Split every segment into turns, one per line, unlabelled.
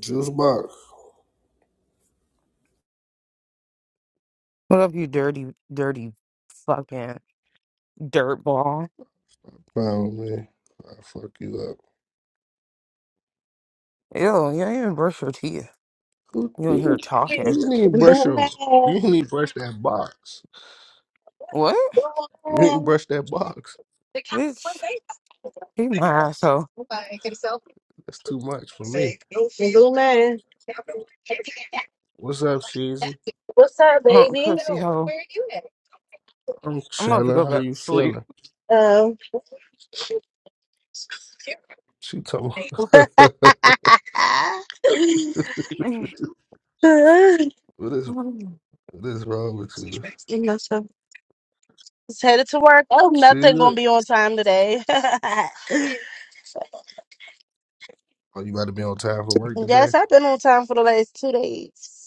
Juice box.
What up, you dirty, dirty fucking dirt ball?
Found me. I fuck you up.
Yo, you ain't even brush your teeth.
Who-
You in
You
here
Blue
talking.
you need to brush your.
man.
You need to brush that box.
What?
Blue
You need to
man.
brush that box.
the cat- what
Bitch,
they
he
like
my
on?
asshole.
Nobody can sell it.
That's too much for me.
Say, no fear. Blue man.
What's up, Sheezy?
What's up,
Punk
baby?
pussy
So,
hoe.
Where are you at?
I'm
I'm about to
chilling.
go
How
back
you
to sleep.
feeling?
Um.
She talking. about- what is what is wrong with you,
you know, so just headed to work. Oh, nothing gonna
Sheezy?
be on time today.
Oh, you about to be on time for work today?
yes, I've been on time for the last two days.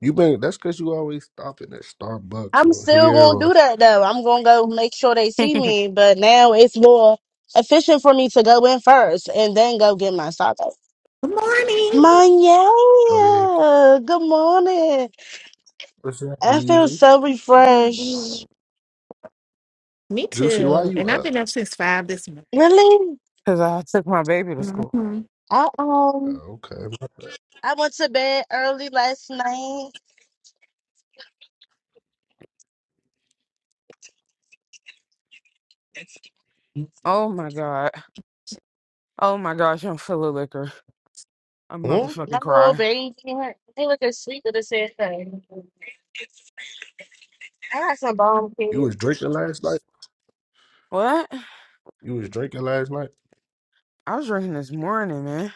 You been? That's because you always stopping at Starbucks
I'm
or
still
here
gonna do
or
that though. I'm gonna go make sure they see me, but now it's more efficient for me to go in first and then go get my soccer.
Good morning.
Manya,
oh yeah.
good morning.
What's up,
I feel
easy?
so
Mhm.
refreshed.
Me
Juicy, why
too.
you
And I've
up?
been up since five this morning.
Really?
Because I took my baby to school.
Mhm.
I um
Oh, okay.
I went to bed early last night.
Oh my God. Oh my gosh, I'm full of liquor. I'm about to
Hmm?
My
fucking
little
cry.
baby, he looking sleep with the same thing. I got some bomb
You
kids.
was drinking last night.
What?
You was drinking last night.
I was drinking this morning, man.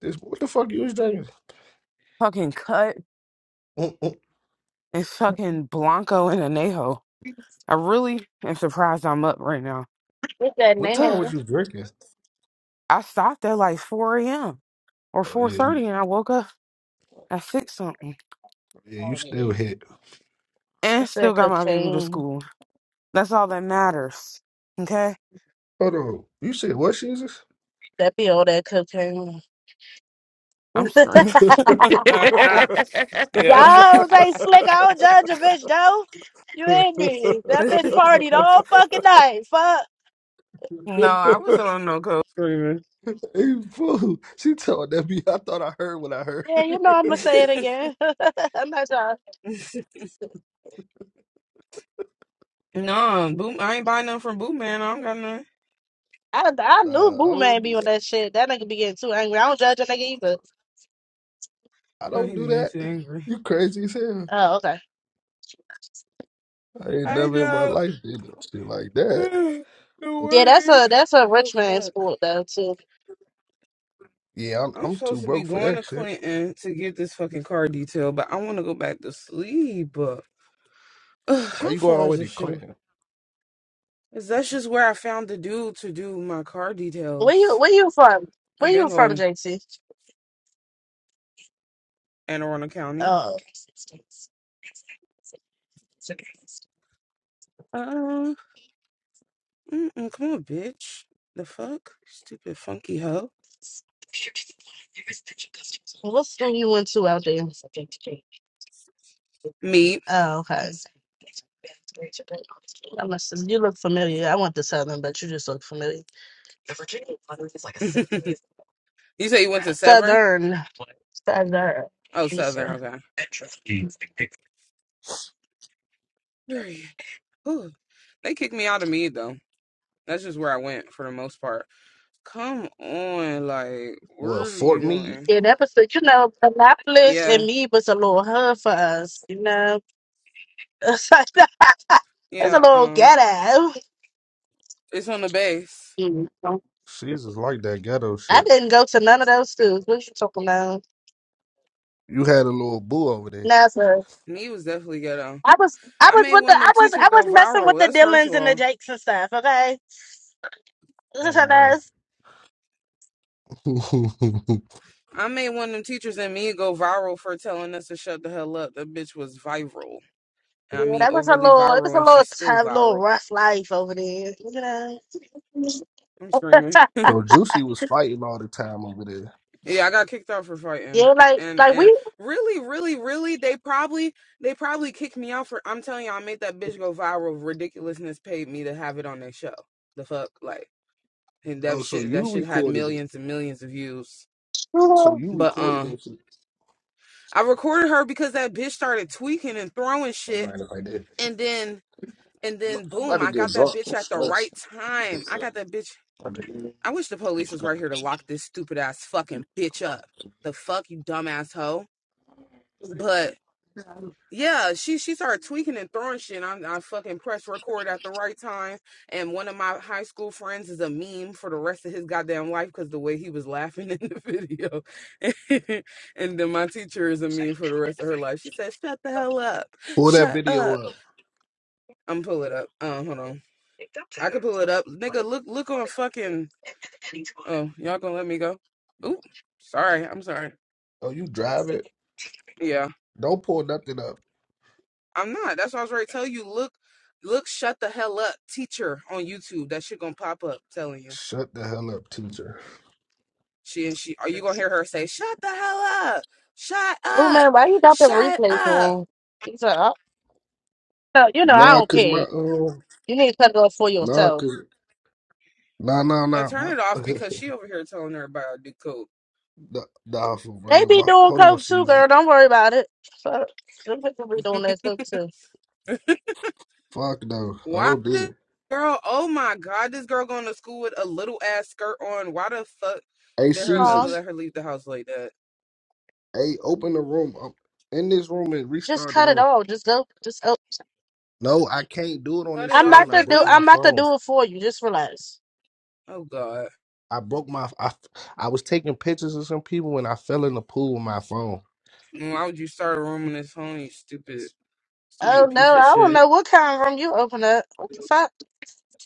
This what the fuck you was drinking?
Fucking cut
Mm, mm.
and fucking Blanco and Anejo. I really am surprised I'm up right now.
Look at
What time was
Nene.
you drinking?
I stopped at like 4 a.m. or
Oh yeah, you-
4.30 and I woke up at 6 something
yeah. You
Oh,
still
yeah.
hit.
and
That's
still
that
got my baby to
cocaine.
school. That's all that matters. Okay?
Hold on. You said what, Jesus?
That be all that cocaine.
I'm screaming.
hey,
yeah.
Y'all say slick. I don't judge a bitch though. You ain't me. That bitch partied all fucking night. Fuck.
no, I wasn't on no code screaming.
fool. She told that me. I thought I heard what I heard.
Yeah, you know I'ma say it again. I'm not trying.
no, boom, I ain't buying nothing from Boot Man. I don't got nothing.
I I knew
nah, I
Boo Man
don't.
be
Do,
on that shit. That nigga be getting too angry. I don't judge a nigga either.
I
No,
don't
he
do
began
that.
to get angry.
You crazy as hell.
Oh, okay.
I ain't
I
never in my
know.
life did no shit like that.
Don't
Yeah, that's
worry.
a that's a
Oh,
rich man
fuck.
sport though too.
Yeah, I'm,
I'm
I'm
supposed
too
to be
broke for
going to
that shit.
Clinton to get this fucking car detail, but I want to go back to sleep. Ugh,
Why
how
you going
far
all the way
is
to
this shit?
Clinton?
away? 'Cause that's just where I found the dude to do my car
Where you
details.
where you from? Where
I've
you
been
from,
going to
JC?
Anne Arundel County.
Oh.
Uh, mm-mm, come on, bitch. The fuck? Stupid funky hoe.
What school you went to out there?
Me.
Oh, okay. I must have, you look familiar. I went to Southern, but you just look familiar.
you say you went to Severn?
Southern. Southern.
Oh,
Yeah.
Southern. Okay. Period. Whew. They kicked me out of Mead, though. That's just where I went for the most part. Come on, like, what
Well,
are you
Fort
doing?
Meade,
Yeah, that was, the- you know, Annapolis
Yeah,
and me was a little hard for us, you know. it's like, it's a
yeah.
little
Um,
ghetto.
it's on the bass.
Mm, no.
Caesar's like that ghetto
I
shit.
didn't go to none of those schools. What you talking about?
You had a little boo over there.
No, sir.
And he was definitely ghetto.
I was, I
I
was
made
with the,
one of
I
them
was,
teachers
I was
go
messing with
viral.
the
That's first
Dillons
of
and the
all.
Jakes and stuff. Okay,
Hey, ma.
I made one of them teachers and me go viral for telling us to shut the hell up. That bitch was viral. And I
Yeah,
mean,
that was a
overly
little, it was
viral,
a
and
little
she's still
tough, little
viral.
rough life over there. Look
I'm
at
screaming.
so Juicy was fighting all the time over there.
Yeah, I got kicked out for
yeah,
fighting.
like,
And
like we,
and
you
really, really, really, they probably they probably kicked me out for. I'm telling you, I made that bitch go viral. Ridiculousness paid me to have it on their show. The fuck, like. and
Oh,
that
so
shit that
you
shit had
recorded it.
millions and millions of views.
So
know,
you
But
recorded
um,
that shit.
I recorded her because that bitch started tweaking and throwing
Don't
shit,
mind if I did.
and then and
I'm
then
about
boom,
to
I
get
got that
drunk.
bitch
I'm
at the right
stressed.
time. I got that bitch. I wish the police was right here to lock this stupid ass fucking bitch up. The fuck you dumbass hoe. But Yeah, she she started tweaking and throwing shit. I, I fucking pressed record at the right time. And one of my high school friends is a meme for the rest of his goddamn life because the way he was laughing in the video. and then my teacher is a meme for the rest of her life. She said, "Shut the hell up,
Pull that
shut
video
up."
up.
I'm pull it up. Um, hold on. I can pull it up, nigga. Look, look on fucking. Oh, y'all gonna let me go? Oop. Sorry, I'm sorry.
Oh, you drive it?
Yeah.
Don't pull nothing up.
I'm not. That's what I was ready to tell you. Look, look, shut the hell up, teacher on YouTube. That shit gonna pop up telling you.
Shut the hell up, teacher.
She and she are you gonna hear her say, Shut the hell up, shut
oh
up,
man, why you got the
shut
replays
up.
on? He's like, oh, no, you know, I
Nah,
don't
cause my
care.
um,
You need to cut it off for
nah,
yourself.
cause nah, nah,
Yeah,
nah.
turn it off
My
because she over here telling everybody I do
Nah, nah, for
They
real.
be
My
doing
hold on,
coke too, girl.
Caesars.
Don't worry about it. Fuck. Them people be doing that coke too.
Fuck no, I
Why
don't do that.
this girl? Oh my god, this girl going to school with a little ass skirt on. Why the fuck
Hey,
did her
Huh?
mother
Caesars.
let her leave the house like that?
Hey, open the room. i am in this room and
Just
restart the
cut it
room.
off. Just go. Just go.
No, I can't do it on
Cut
this
it
I'm
off,
about
phone. I
to
broke
do.
nigga.
my
I'm about to
phone.
do it for you. Just relax.
Oh god.
I broke my. I, I was taking pictures of some people and I fell in the pool with my phone.
Why would you start a room on this phone, you stupid,
Oh
stupid
no,
piece of
I don't
shit?
know what kind of room you open up. What the fuck?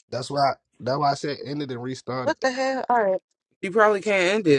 That's why. That's why I said end it and restart it.
What the hell? All right.
You probably can't end it.